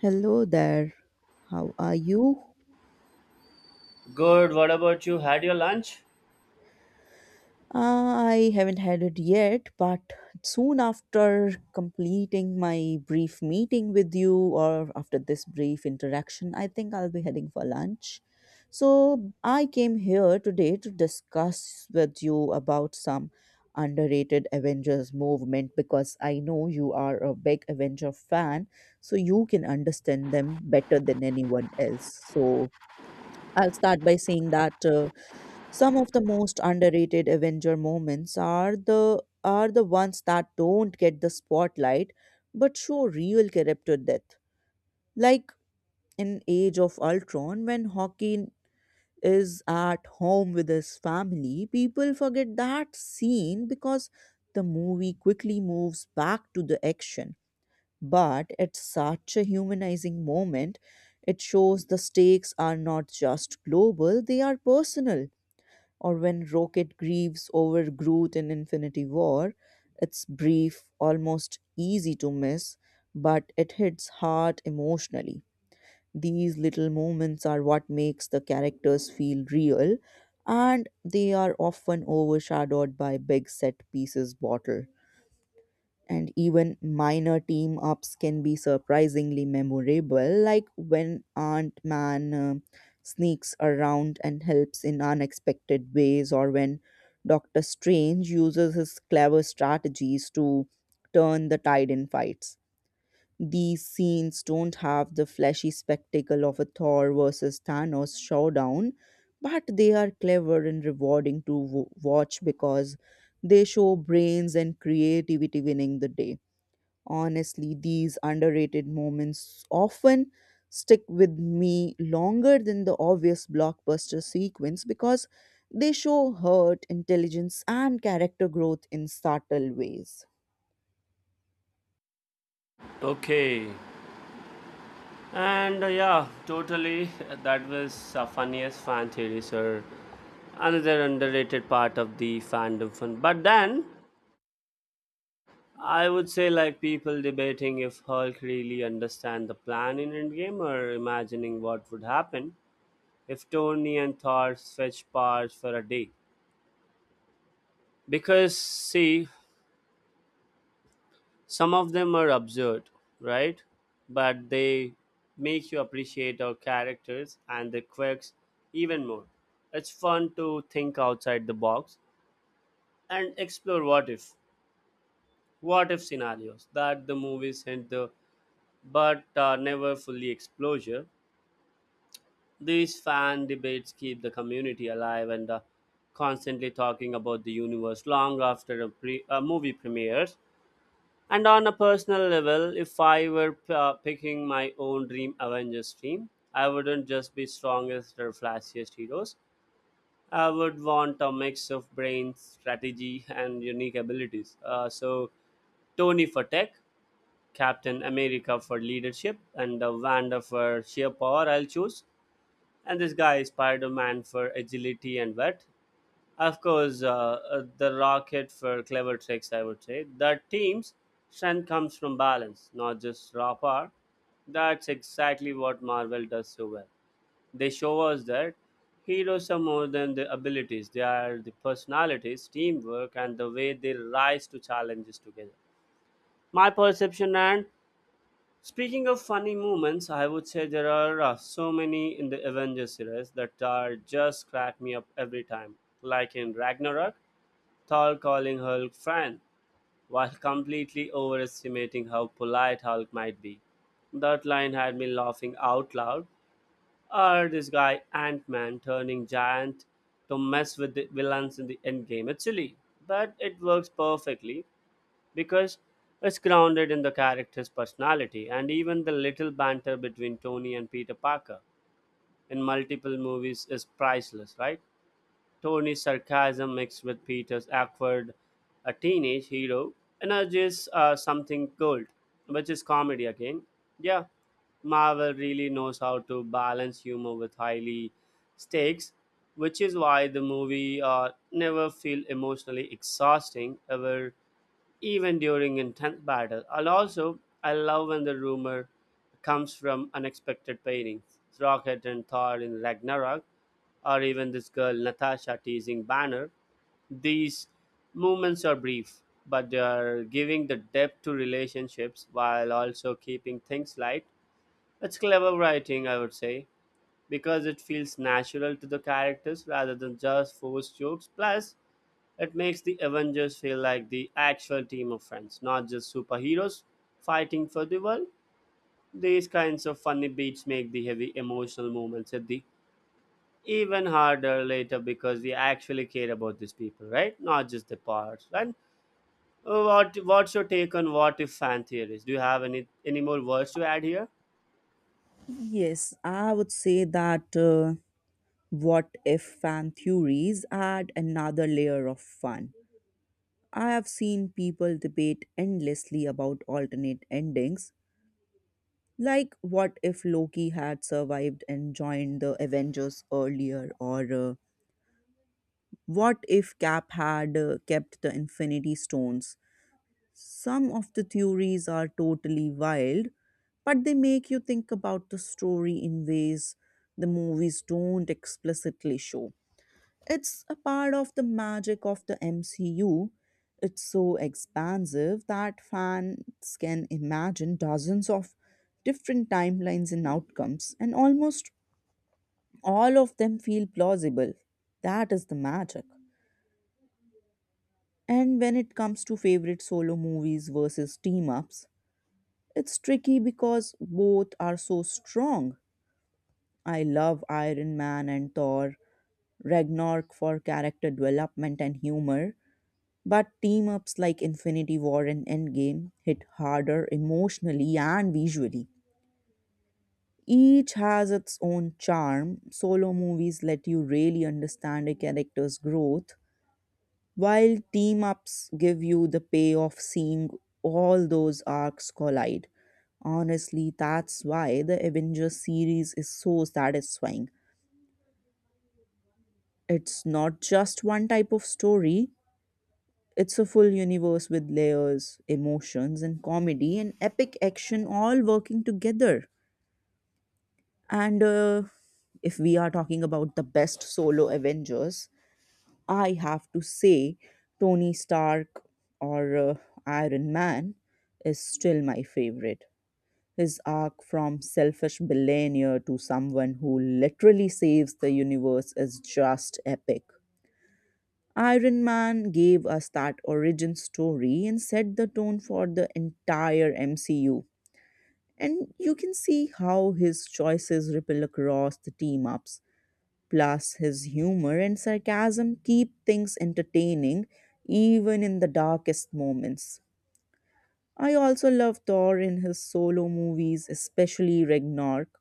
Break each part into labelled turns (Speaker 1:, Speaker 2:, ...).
Speaker 1: Hello there. How are you?
Speaker 2: Good, what about you? Had your lunch?
Speaker 1: Uh, I haven't had it yet, but soon after completing my brief meeting with you, or after this brief interaction, I think I'll be heading for lunch. So, I came here today to discuss with you about some underrated Avengers movement because I know you are a big Avenger fan, so you can understand them better than anyone else. So, I'll start by saying that. Some of the most underrated Avenger moments are the ones that don't get the spotlight but show real character depth. Like in Age of Ultron when Hawkeye is at home with his family, people forget that scene because the movie quickly moves back to the action. But it's such a humanizing moment. It shows the stakes are not just global, they are personal or when Rocket grieves over Groot in Infinity War. It's brief, almost easy to miss, but it hits hard emotionally. These little moments are what makes the characters feel real, and they are often overshadowed by big set pieces bottle and even minor team ups can be surprisingly memorable, like when Ant Man sneaks around and helps in unexpected ways, or when Doctor Strange uses his clever strategies to turn the tide in fights. These scenes don't have the flashy spectacle of a Thor versus Thanos showdown, but they are clever and rewarding to watch because they show brains and creativity winning the day. Honestly, these underrated moments often stick with me longer than the obvious blockbuster sequence because they show hurt, intelligence, and character growth in subtle ways.
Speaker 2: Okay. And yeah, totally. That was funniest fan theory, sir. Another underrated part of the fandom fun. But then, I would say like people debating if Hulk really understand the plan in Endgame, or imagining what would happen if Tony and Thor fetch parts for a day. Because see, some of them are absurd, right? But they make you appreciate our characters and their quirks even more. It's fun to think outside the box and explore what if scenarios that the movies hint the but never fully exposure. These fan debates keep the community alive and constantly talking about the universe long after a movie premieres. And on a personal level, if I were picking my own dream Avengers team, I wouldn't just be strongest or flashiest heroes. I would want a mix of brains, strategy, and unique abilities. So Tony for tech, Captain America for leadership, and Wanda for sheer power. I'll choose, and this guy is Spider-Man for agility and wit, of course, the rocket for clever tricks, I would say. The team's strength comes from balance, not just raw power. That's exactly what Marvel does so well. They show us that heroes are more than the abilities, they are the personalities, teamwork, and the way they rise to challenges together. My perception and speaking of funny moments, I would say there are so many in the Avengers series that are just crack me up every time. Like in Ragnarok, Thor calling Hulk friend, while completely overestimating how polite Hulk might be. That line had me laughing out loud. Or this guy Ant Man turning giant to mess with the villains in the endgame. It's silly, but it works perfectly because it's grounded in the character's personality, and even the little banter between Tony and Peter Parker in multiple movies is priceless, right? Tony's sarcasm mixed with Peter's awkward a teenage hero energies something gold, which is comedy again. Yeah, Marvel really knows how to balance humor with highly stakes, which is why the movie never feel emotionally exhausting, ever even during intense battle. I love when the rumor comes from unexpected pairings. Rocket and Thor in Ragnarok, or even this girl Natasha teasing Banner. These moments are brief, but they are giving the depth to relationships while also keeping things light. It's clever writing, I would say, because it feels natural to the characters rather than just forced jokes. Plus, it makes the Avengers feel like the actual team of friends, not just superheroes fighting for the world. These kinds of funny beats make the heavy emotional moments at the even harder later because we actually care about these people, right? Not just the parts. And what's your take on what if fan theories? Do you have any more words to add here?
Speaker 1: Yes, I would say that what if fan theories add another layer of fun. I have seen people debate endlessly about alternate endings. Like, what if Loki had survived and joined the Avengers earlier? Or what if Cap had kept the Infinity Stones? Some of the theories are totally wild, but they make you think about the story in ways the movies don't explicitly show. It's a part of the magic of the MCU. It's so expansive that fans can imagine dozens of different timelines and outcomes, and almost all of them feel plausible. That is the magic. And when it comes to favorite solo movies versus team ups, it's tricky because both are so strong. I love Iron Man and Thor, Ragnarok for character development and humor, but team ups like Infinity War and Endgame hit harder emotionally and visually. Each has its own charm. Solo movies let you really understand a character's growth, while team ups give you the payoff seeing all those arcs collide. Honestly, that's why the Avengers series is so satisfying. It's not just one type of story, it's a full universe with layers, emotions, and comedy and epic action all working together. And if we are talking about the best solo Avengers, I have to say Tony Stark or Iron Man is still my favorite. His arc from selfish billionaire to someone who literally saves the universe is just epic. Iron Man gave us that origin story and set the tone for the entire MCU. And you can see how his choices ripple across the team ups. Plus, his humor and sarcasm keep things entertaining even in the darkest moments. I also love Thor in his solo movies, especially Ragnarok.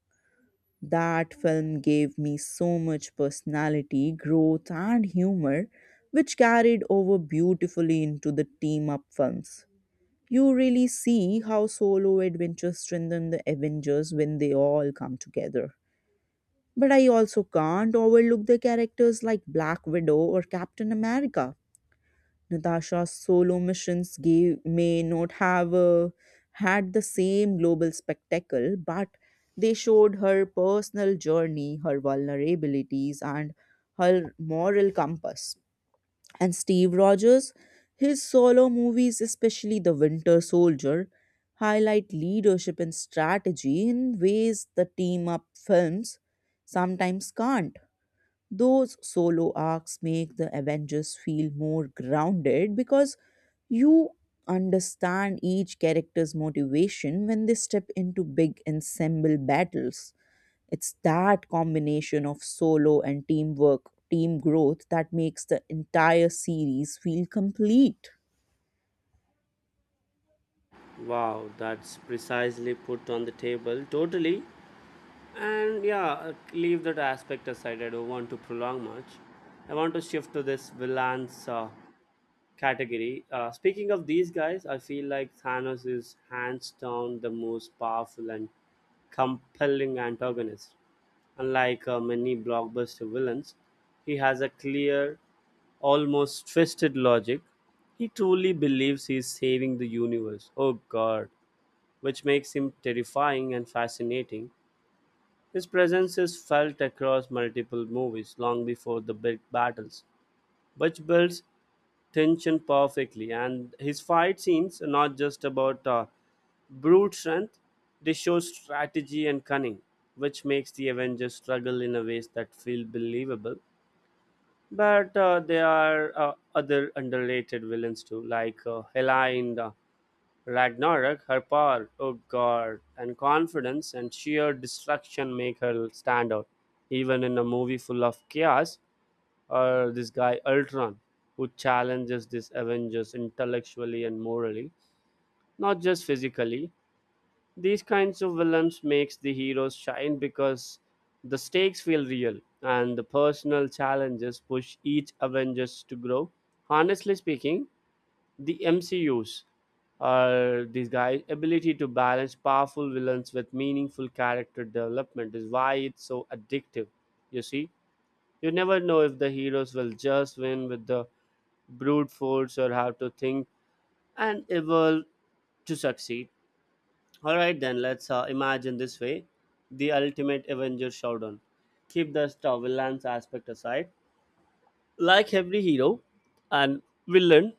Speaker 1: That film gave me so much personality, growth, and humor, which carried over beautifully into the team up films. You really see how solo adventures strengthen the Avengers when they all come together. But I also can't overlook the characters like Black Widow or Captain America. Natasha's solo missions gave, may not have had the same global spectacle, but they showed her personal journey, her vulnerabilities, and her moral compass. And Steve Rogers, his solo movies, especially The Winter Soldier, highlight leadership and strategy in ways the team up films sometimes can't. Those solo arcs make the Avengers feel more grounded because you understand each character's motivation when they step into big ensemble battles. It's that combination of solo and teamwork, team growth, that makes the entire series feel complete.
Speaker 2: Wow, that's precisely put on the table. Totally. And yeah, leave that aspect aside. I don't want to prolong much. I want to shift to this villains category. Speaking of these guys, I feel like Thanos is hands down the most powerful and compelling antagonist. Unlike many blockbuster villains, he has a clear, almost twisted logic. He truly believes he is saving the universe. Oh god, which makes him terrifying and fascinating. His presence is felt across multiple movies long before the big battles, which builds tension perfectly. And his fight scenes are not just about brute strength, they show strategy and cunning, which makes the Avengers struggle in a ways that feel believable. But there are other underrated villains too, like Hela in Ragnarok, her power, oh god, and confidence and sheer destruction make her stand out. Even in a movie full of chaos, or this guy Ultron, who challenges this Avengers intellectually and morally, not just physically. These kinds of villains makes the heroes shine because the stakes feel real and the personal challenges push each Avengers to grow. Honestly speaking, the MCU's these guys' ability to balance powerful villains with meaningful character development is why it's so addictive. You see, you never know if the heroes will just win with the brute force or have to think and evolve to succeed. All right, then let's imagine this way: the ultimate Avenger showdown. Keep the villains aspect aside. Like every hero and villain,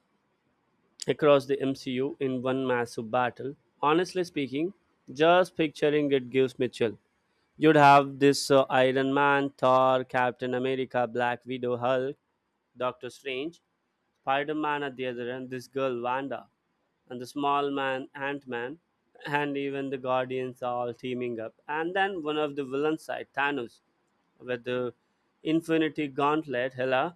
Speaker 2: across the MCU in one massive battle. Honestly speaking, just picturing it gives me chill. You'd have this Iron Man, Thor, Captain America, Black Widow, Hulk, Doctor Strange, Spider Man at the other end, this girl Wanda, and the small man Ant Man, and even the Guardians all teaming up. And then one of the villain side, Thanos, with the Infinity Gauntlet, Hela,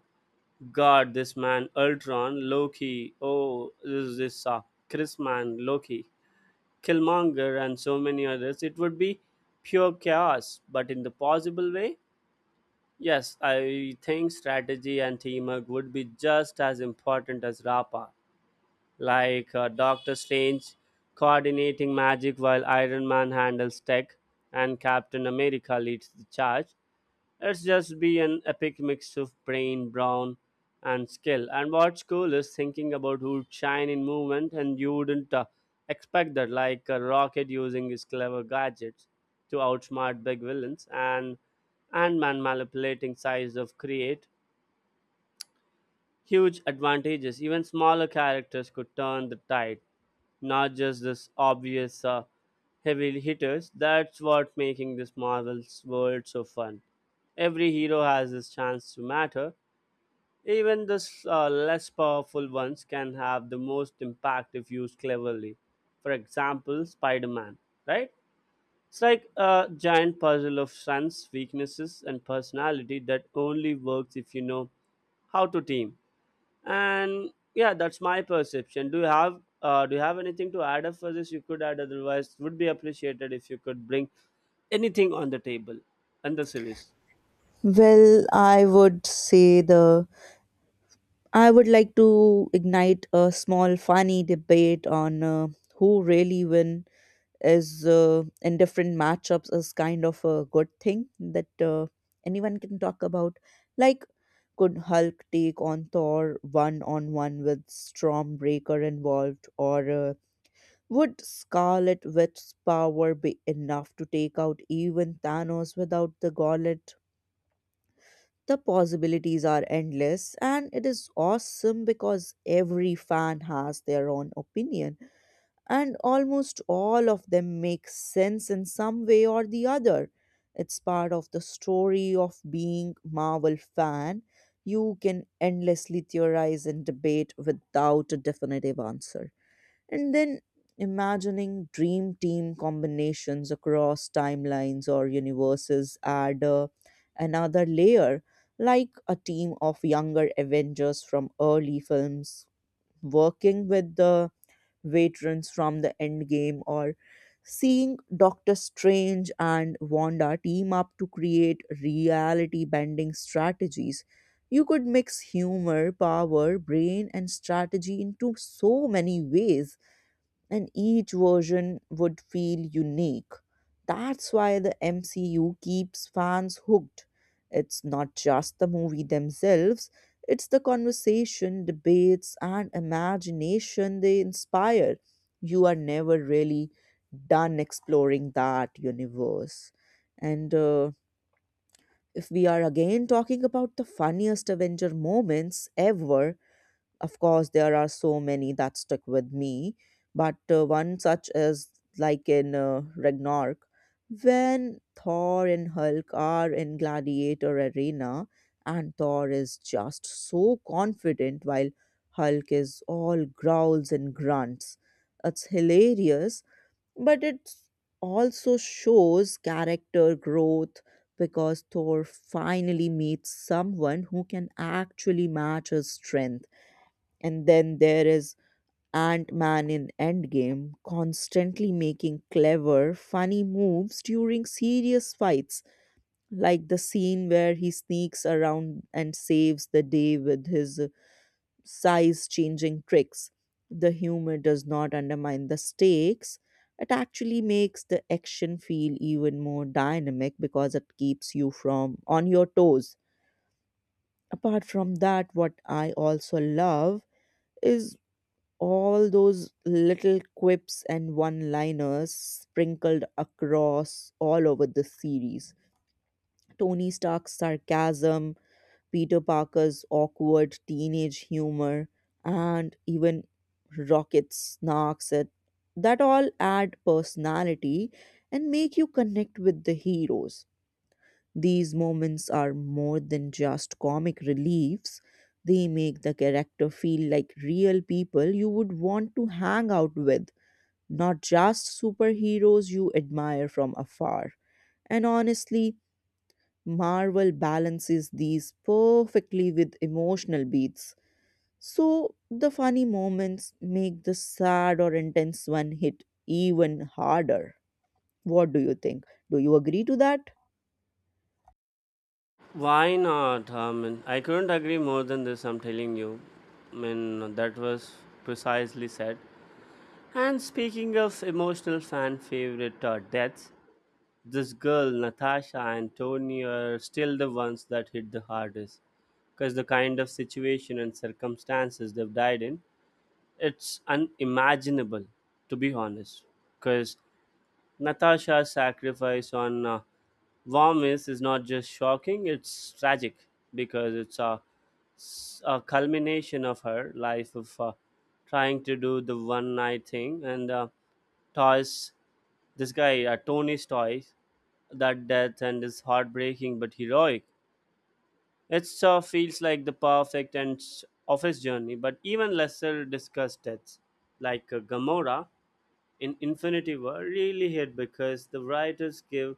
Speaker 2: God, this man, Ultron, Loki, oh, this is this Chris man, Loki, Killmonger, and so many others. It would be pure chaos, but in the possible way, yes, I think strategy and teamwork would be just as important as Rapa, like Doctor Strange coordinating magic while Iron Man handles tech and Captain America leads the charge. It's just be an epic mix of brain, brawn, and skill. And what's cool is thinking about who'd shine in movement, and you wouldn't expect that, like a rocket using his clever gadgets to outsmart big villains, and man manipulating size of create huge advantages. Even smaller characters could turn the tide, not just this obvious heavy hitters. That's what making this Marvel's world so fun. Every hero has his chance to matter. Even the less powerful ones can have the most impact if used cleverly. For example, Spider-Man, right? It's like a giant puzzle of strengths, weaknesses, and personality that only works if you know how to team. And yeah, that's my perception. Do you have anything to add up for this? You could add, otherwise would be appreciated if you could bring anything on the table and the series.
Speaker 1: Well, I would like to ignite a small, funny debate on who really win is in different matchups is kind of a good thing that anyone can talk about. Like, could Hulk take on Thor one on one with Stormbreaker involved, or would Scarlet Witch's power be enough to take out even Thanos without the gauntlet? The possibilities are endless, and it is awesome because every fan has their own opinion, and almost all of them make sense in some way or the other. It's part of the story of being Marvel fan. You can endlessly theorize and debate without a definitive answer, and then imagining dream team combinations across timelines or universes add another layer, like a team of younger avengers from early films working with the veterans from the endgame, or seeing doctor strange and wanda team up to create reality bending strategies. You could mix humor power brain and strategy into so many ways, and each version would feel unique. That's why the MCU keeps fans hooked. It's not just the movie themselves, it's the conversation, debates, and imagination they inspire. You are never really done exploring that universe. And if we are again talking about the funniest Avenger moments ever, of course, there are so many that stick with me, but one such is like in Ragnarok, when Thor and Hulk are in Gladiator Arena, and Thor is just so confident while Hulk is all growls and grunts. It's hilarious, but it also shows character growth because Thor finally meets someone who can actually match his strength. And then there is Ant Man in Endgame, constantly making clever, funny moves during serious fights, like the scene where he sneaks around and saves the day with his size changing tricks. The humor does not undermine the stakes. It actually makes the action feel even more dynamic because it keeps you from on your toes. Apart from that, what I also love is all those little quips and one liners sprinkled across all over the series. Tony Stark's sarcasm, Peter Parker's awkward teenage humor, and even Rocket's snarks at that all add personality and make you connect with the heroes. These moments are more than just comic reliefs, they make the character feel like real people you would want to hang out with, not just superheroes you admire from afar. And honestly, Marvel balances these perfectly with emotional beats. So the funny moments make the sad or intense one hit even harder. What do you think? Do you agree to that?
Speaker 2: Why not? I mean, I couldn't agree more than this, I'm telling you. I mean, that was precisely said. And speaking of emotional fan favorite deaths, this girl, Natasha and Tony, are still the ones that hit the hardest. Because the kind of situation and circumstances they've died in, it's unimaginable, to be honest, because natasha's sacrifice on Vomis is not just shocking, it's tragic because it's a culmination of her life of trying to do the one night thing, and toys, this guy tony's toys, that death and is heartbreaking but heroic. It feels like the perfect end of his journey. But even lesser discussed deaths like Gamora in Infinity War, really hit because the writers give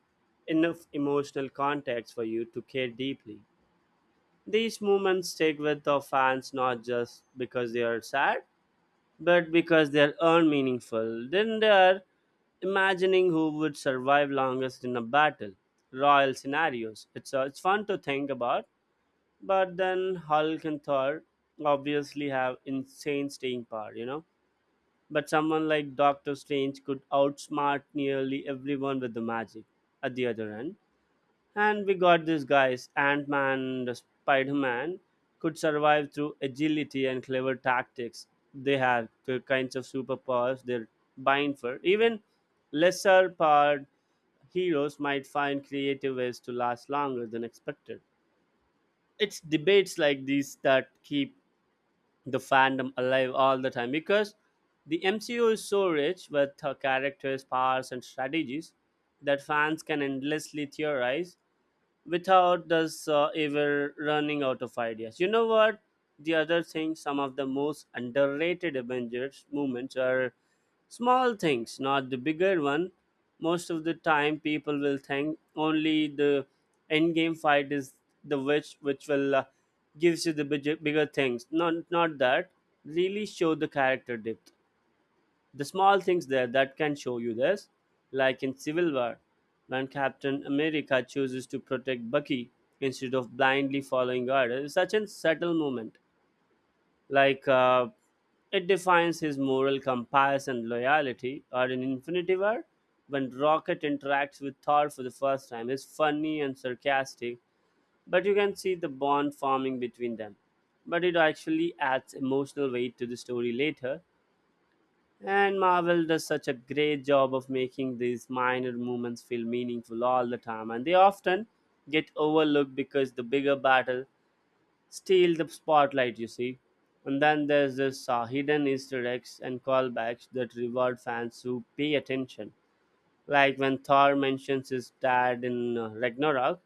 Speaker 2: enough emotional context for you to care deeply. These moments stick with our fans not just because they are sad, but because they are unmeaningful. Then they are imagining who would survive longest in a battle, royal scenarios. It's fun to think about, but then Hulk and Thor obviously have insane staying power, you know? But someone like Doctor Strange could outsmart nearly everyone with the magic at the other end. And we got these guys, Ant Man and the Spider Man, could survive through agility and clever tactics. They had the kinds of superpowers they're buying for. Even lesser powered heroes might find creative ways to last longer than expected. It's debates like these that keep the fandom alive all the time because the MCU is so rich with characters, powers, and strategies that fans can endlessly theorize without us ever running out of ideas. You know what? The other thing, some of the most underrated Avengers movements are small things, not the bigger one. Most of the time, people will think only the end game fight is the which will gives you the bigger things. Not that really show the character depth, the small things there that can show you this, like in civil war when captain america chooses to protect bucky instead of blindly following orders, such a subtle moment, like it defines his moral compass and loyalty. Or in infinity war when rocket interacts with thor for the first time is funny and sarcastic, but you can see the bond forming between them, but it actually adds emotional weight to the story later. And Marvel does such a great job of making these minor moments feel meaningful all the time, and they often get overlooked because the bigger battle steals the spotlight, you see. And then there's this hidden Easter eggs and callbacks that reward fans who pay attention. Like when Thor mentions his dad in Ragnarok,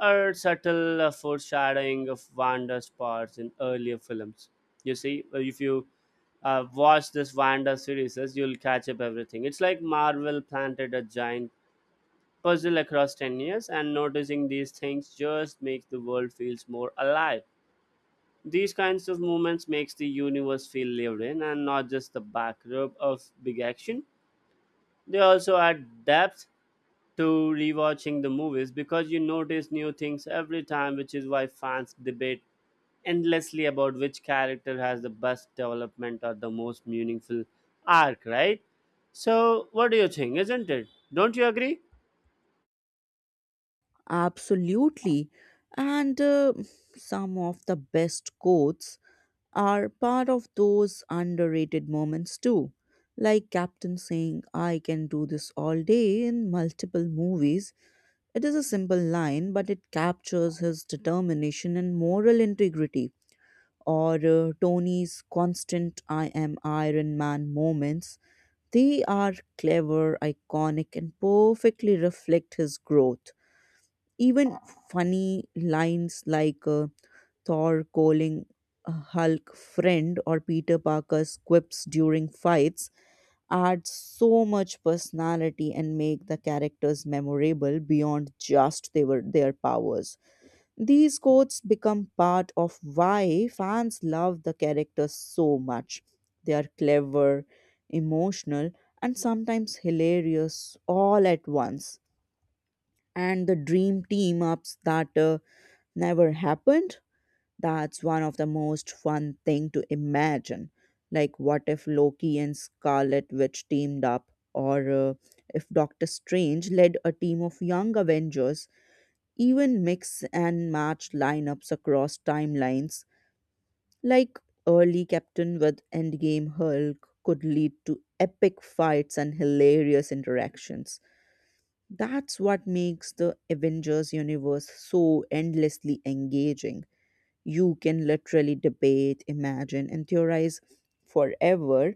Speaker 2: or subtle foreshadowing of Wanda's parts in earlier films. You see, if you watch this Wanda series, you'll catch up everything. It's like Marvel planted a giant puzzle across 10 years, and noticing these things just makes the world feels more alive. These kinds of movements makes the universe feel lived in and not just the backdrop of big action. They also add depth to rewatching the movies because you notice new things every time, which is why fans debate endlessly about which character has the best development or the most meaningful arc, right? So, what do you think, isn't it? Don't you agree?
Speaker 1: Absolutely. And some of the best quotes are part of those underrated moments too. Like Captain saying, I can do this all day in multiple movies. It is a simple line, but it captures his determination and moral integrity. Or Tony's constant I am Iron Man moments. They are clever, iconic, and perfectly reflect his growth. Even funny lines like Thor calling Hulk friend or Peter Parker's quips during fights add so much personality and make the characters memorable beyond just they were their powers. These quotes become part of why fans love the characters so much. They are clever, emotional, and sometimes hilarious all at once. And the dream team ups that never happened, that's one of the most fun thing to imagine, like what if loki and scarlet witch teamed up, or if doctor strange led a team of young avengers, even mix and match lineups across timelines, like early captain with endgame hulk could lead to epic fights and hilarious interactions. That's what makes the avengers universe so endlessly engaging. You can literally debate, imagine, and theorize forever,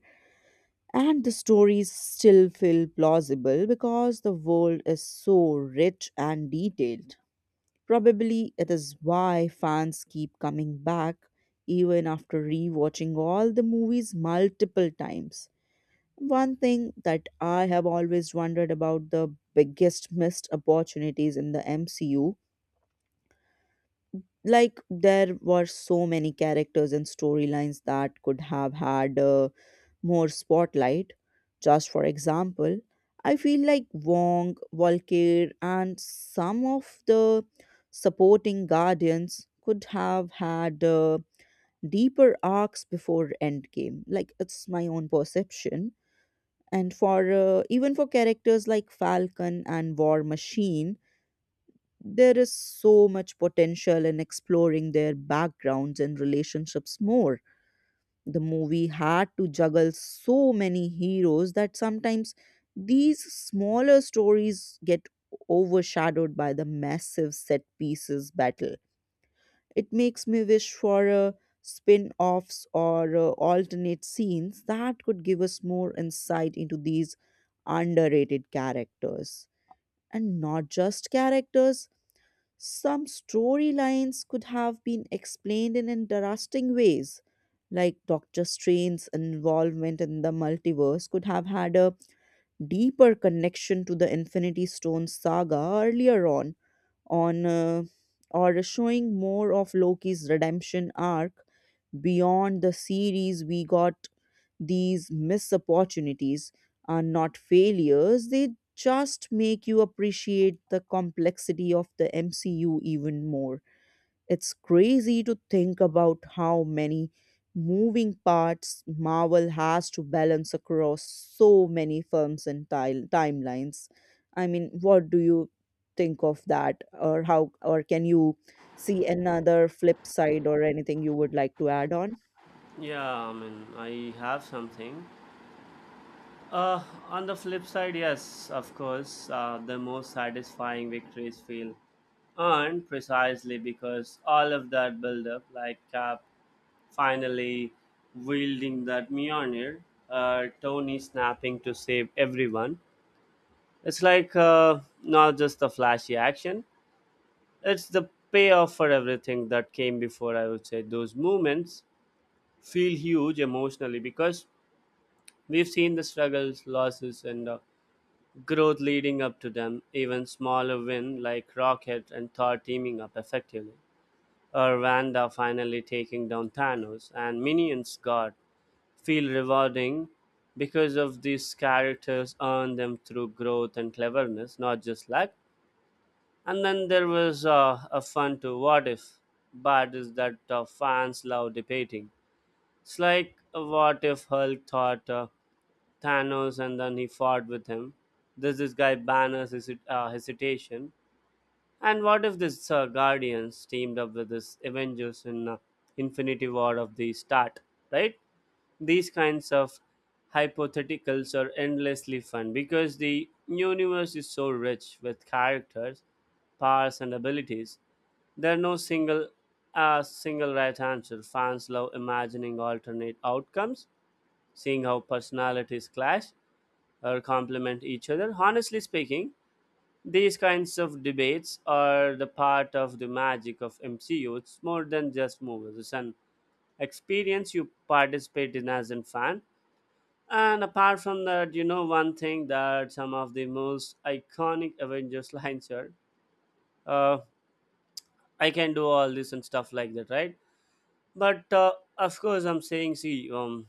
Speaker 1: and the stories still feel plausible because the world is so rich and detailed. Probably it is why fans keep coming back even after rewatching all the movies multiple times. One thing that I have always wondered about the biggest missed opportunities in the MCU, like there were so many characters and storylines that could have had more spotlight. Just for example, I feel like wong volker and some of the supporting guardians could have had deeper arcs before endgame, like it's my own perception, and for even for characters like falcon and war machine, there is so much potential in exploring their backgrounds and relationships more. The movie had to juggle so many heroes that sometimes these smaller stories get overshadowed by the massive set pieces battle. It makes me wish for a spin offs or alternate scenes that could give us more insight into these underrated characters. And not just characters, some storylines could have been explained in interesting ways, like Doctor Strange's involvement in the multiverse could have had a deeper connection to the Infinity Stone saga earlier on, or showing more of Loki's redemption arc beyond the series. We got these missed opportunities are not failures; they just make you appreciate the complexity of the MCU even more. It's crazy to think about how many moving parts Marvel has to balance across so many films and timelines. I mean, what do you think of that? Or how, or can you see another flip side or anything you would like to add on?
Speaker 2: Yeah, I mean, I have something. Uh, on the flip side, yes, of course, the most satisfying victories feel earned precisely because all of that build up, like Cap Finally, wielding that Mjolnir, Tony snapping to save everyone. It's like not just the flashy action, it's the payoff for everything that came before, I would say. Those moments feel huge emotionally because we've seen the struggles, losses, and growth leading up to them. Even smaller win like Rocket and Thor teaming up effectively or Wanda finally taking down Thanos, and minions God feel rewarding because of these characters earn them through growth and cleverness, not just luck. And then there was a fun to what if, but is that fans love debating. It's like what if Hulk thought Thanos and then he fought with him. Does this guy banners his hesitation? And what if this Guardians teamed up with this Avengers in Infinity War of the start, right? These kinds of hypotheticals are endlessly fun because the universe is so rich with characters, powers, and abilities. There are no single single right answer. Fans love imagining alternate outcomes, seeing how personalities clash or complement each other. Honestly speaking, these kinds of debates are the part of the magic of MCU. It's more than just movies. It's an experience you participate in as a fan, and apart from that, you know, one thing that some of the most iconic Avengers lines are, uh, I can do all this and stuff like that, right? But of course, I'm saying, see,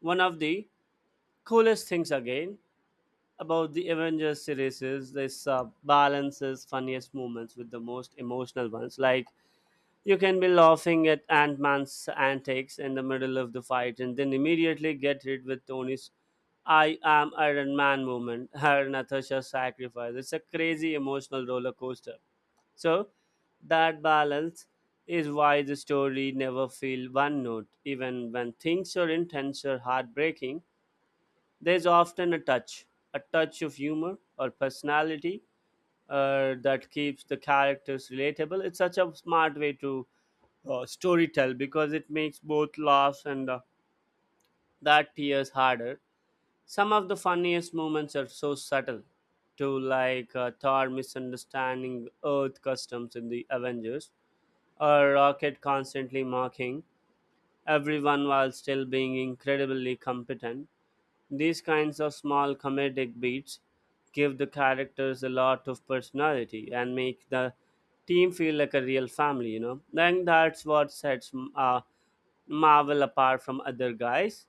Speaker 2: one of the coolest things again about the Avengers series is this balances funniest moments with the most emotional ones. Like, you can be laughing at Ant Man's antics in the middle of the fight and then immediately get hit with Tony's I am Iron Man moment, her Natasha's sacrifice. It's a crazy emotional roller coaster. So, that balance is why the story never feels one note. Even when things are intense or heartbreaking, there's often a touch of humor or personality that keeps the characters relatable. It's such a smart way to storytell because it makes both laughs and that tears harder. Some of the funniest moments are so subtle, to like Thor misunderstanding Earth customs in the Avengers, or Rocket constantly mocking everyone while still being incredibly competent. These kinds of small comedic beats give the characters a lot of personality and make the team feel like a real family, you know. Then that's what sets Marvel apart from other guys.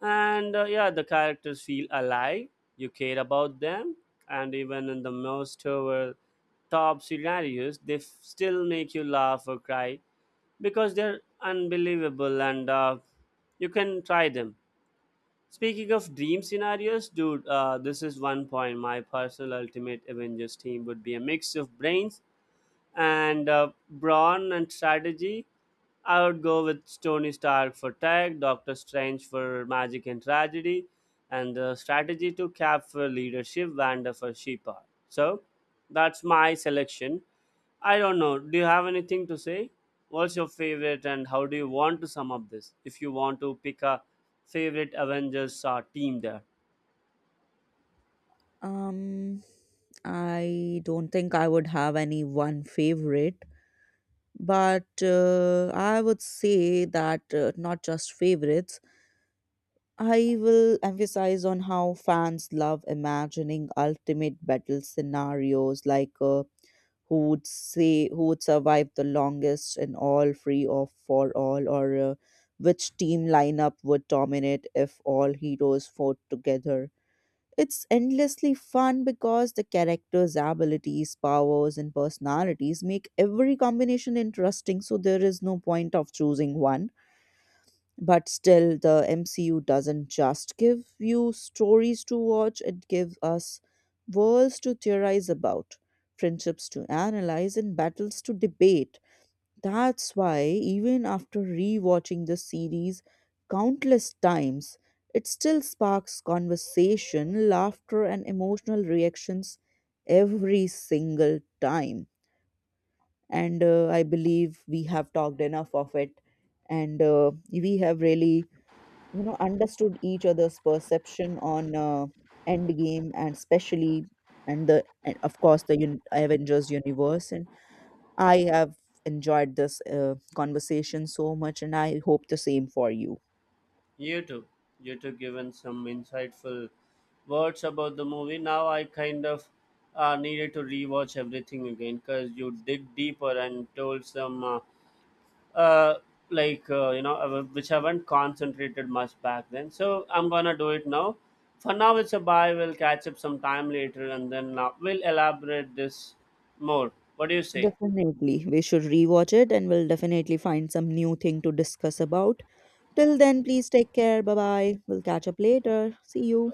Speaker 2: And yeah, the characters feel alive, you care about them, and even in the most over top scenarios, still make you laugh or cry because they're unbelievable and you can try them. Speaking of dream scenarios, dude, this is one point. My personal ultimate Avengers team would be a mix of brains and brawn and strategy. I would go with Tony Stark for tech, Doctor Strange for magic and tragedy, and strategy to Cap for leadership, Wanda for she power. So that's my selection. I don't know. Do you have anything to say? What's your favorite, and how do you want to sum up this? If you want to pick a favorite Avengers team there,
Speaker 1: Um, I don't think I would have any one favorite, but I would say that not just favorites. I will emphasize on how fans love imagining ultimate battle scenarios like who would say who would survive the longest in all free or for all or which team lineup would dominate if all heroes fought together. It's endlessly fun because the characters' abilities, powers, and personalities make every combination interesting, so there is no point of choosing one. But still, the MCU doesn't just give you stories to watch, it gives us worlds to theorize about, friendships to analyze, and battles to debate. That's why, even after rewatching the series countless times, it still sparks conversation, laughter, and emotional reactions every single time. And I believe we have talked enough of it, and we have really understood each other's perception on end game and especially and the and of course the avengers universe, and I have enjoyed this conversation so much and I hope the same for you.
Speaker 2: you too. You too given some insightful words about the movie. Now I kind of needed to rewatch everything again because you dig deeper and told some uh, you know which I haven't concentrated much back then. So I'm gonna do it now. For now, it's a bye. We'll catch up sometime later, and then we'll elaborate this more. What do you say?
Speaker 1: Definitely we should rewatch it and we'll definitely find some new thing to discuss about. Till then, please take care. Bye bye. We'll catch up later. See you.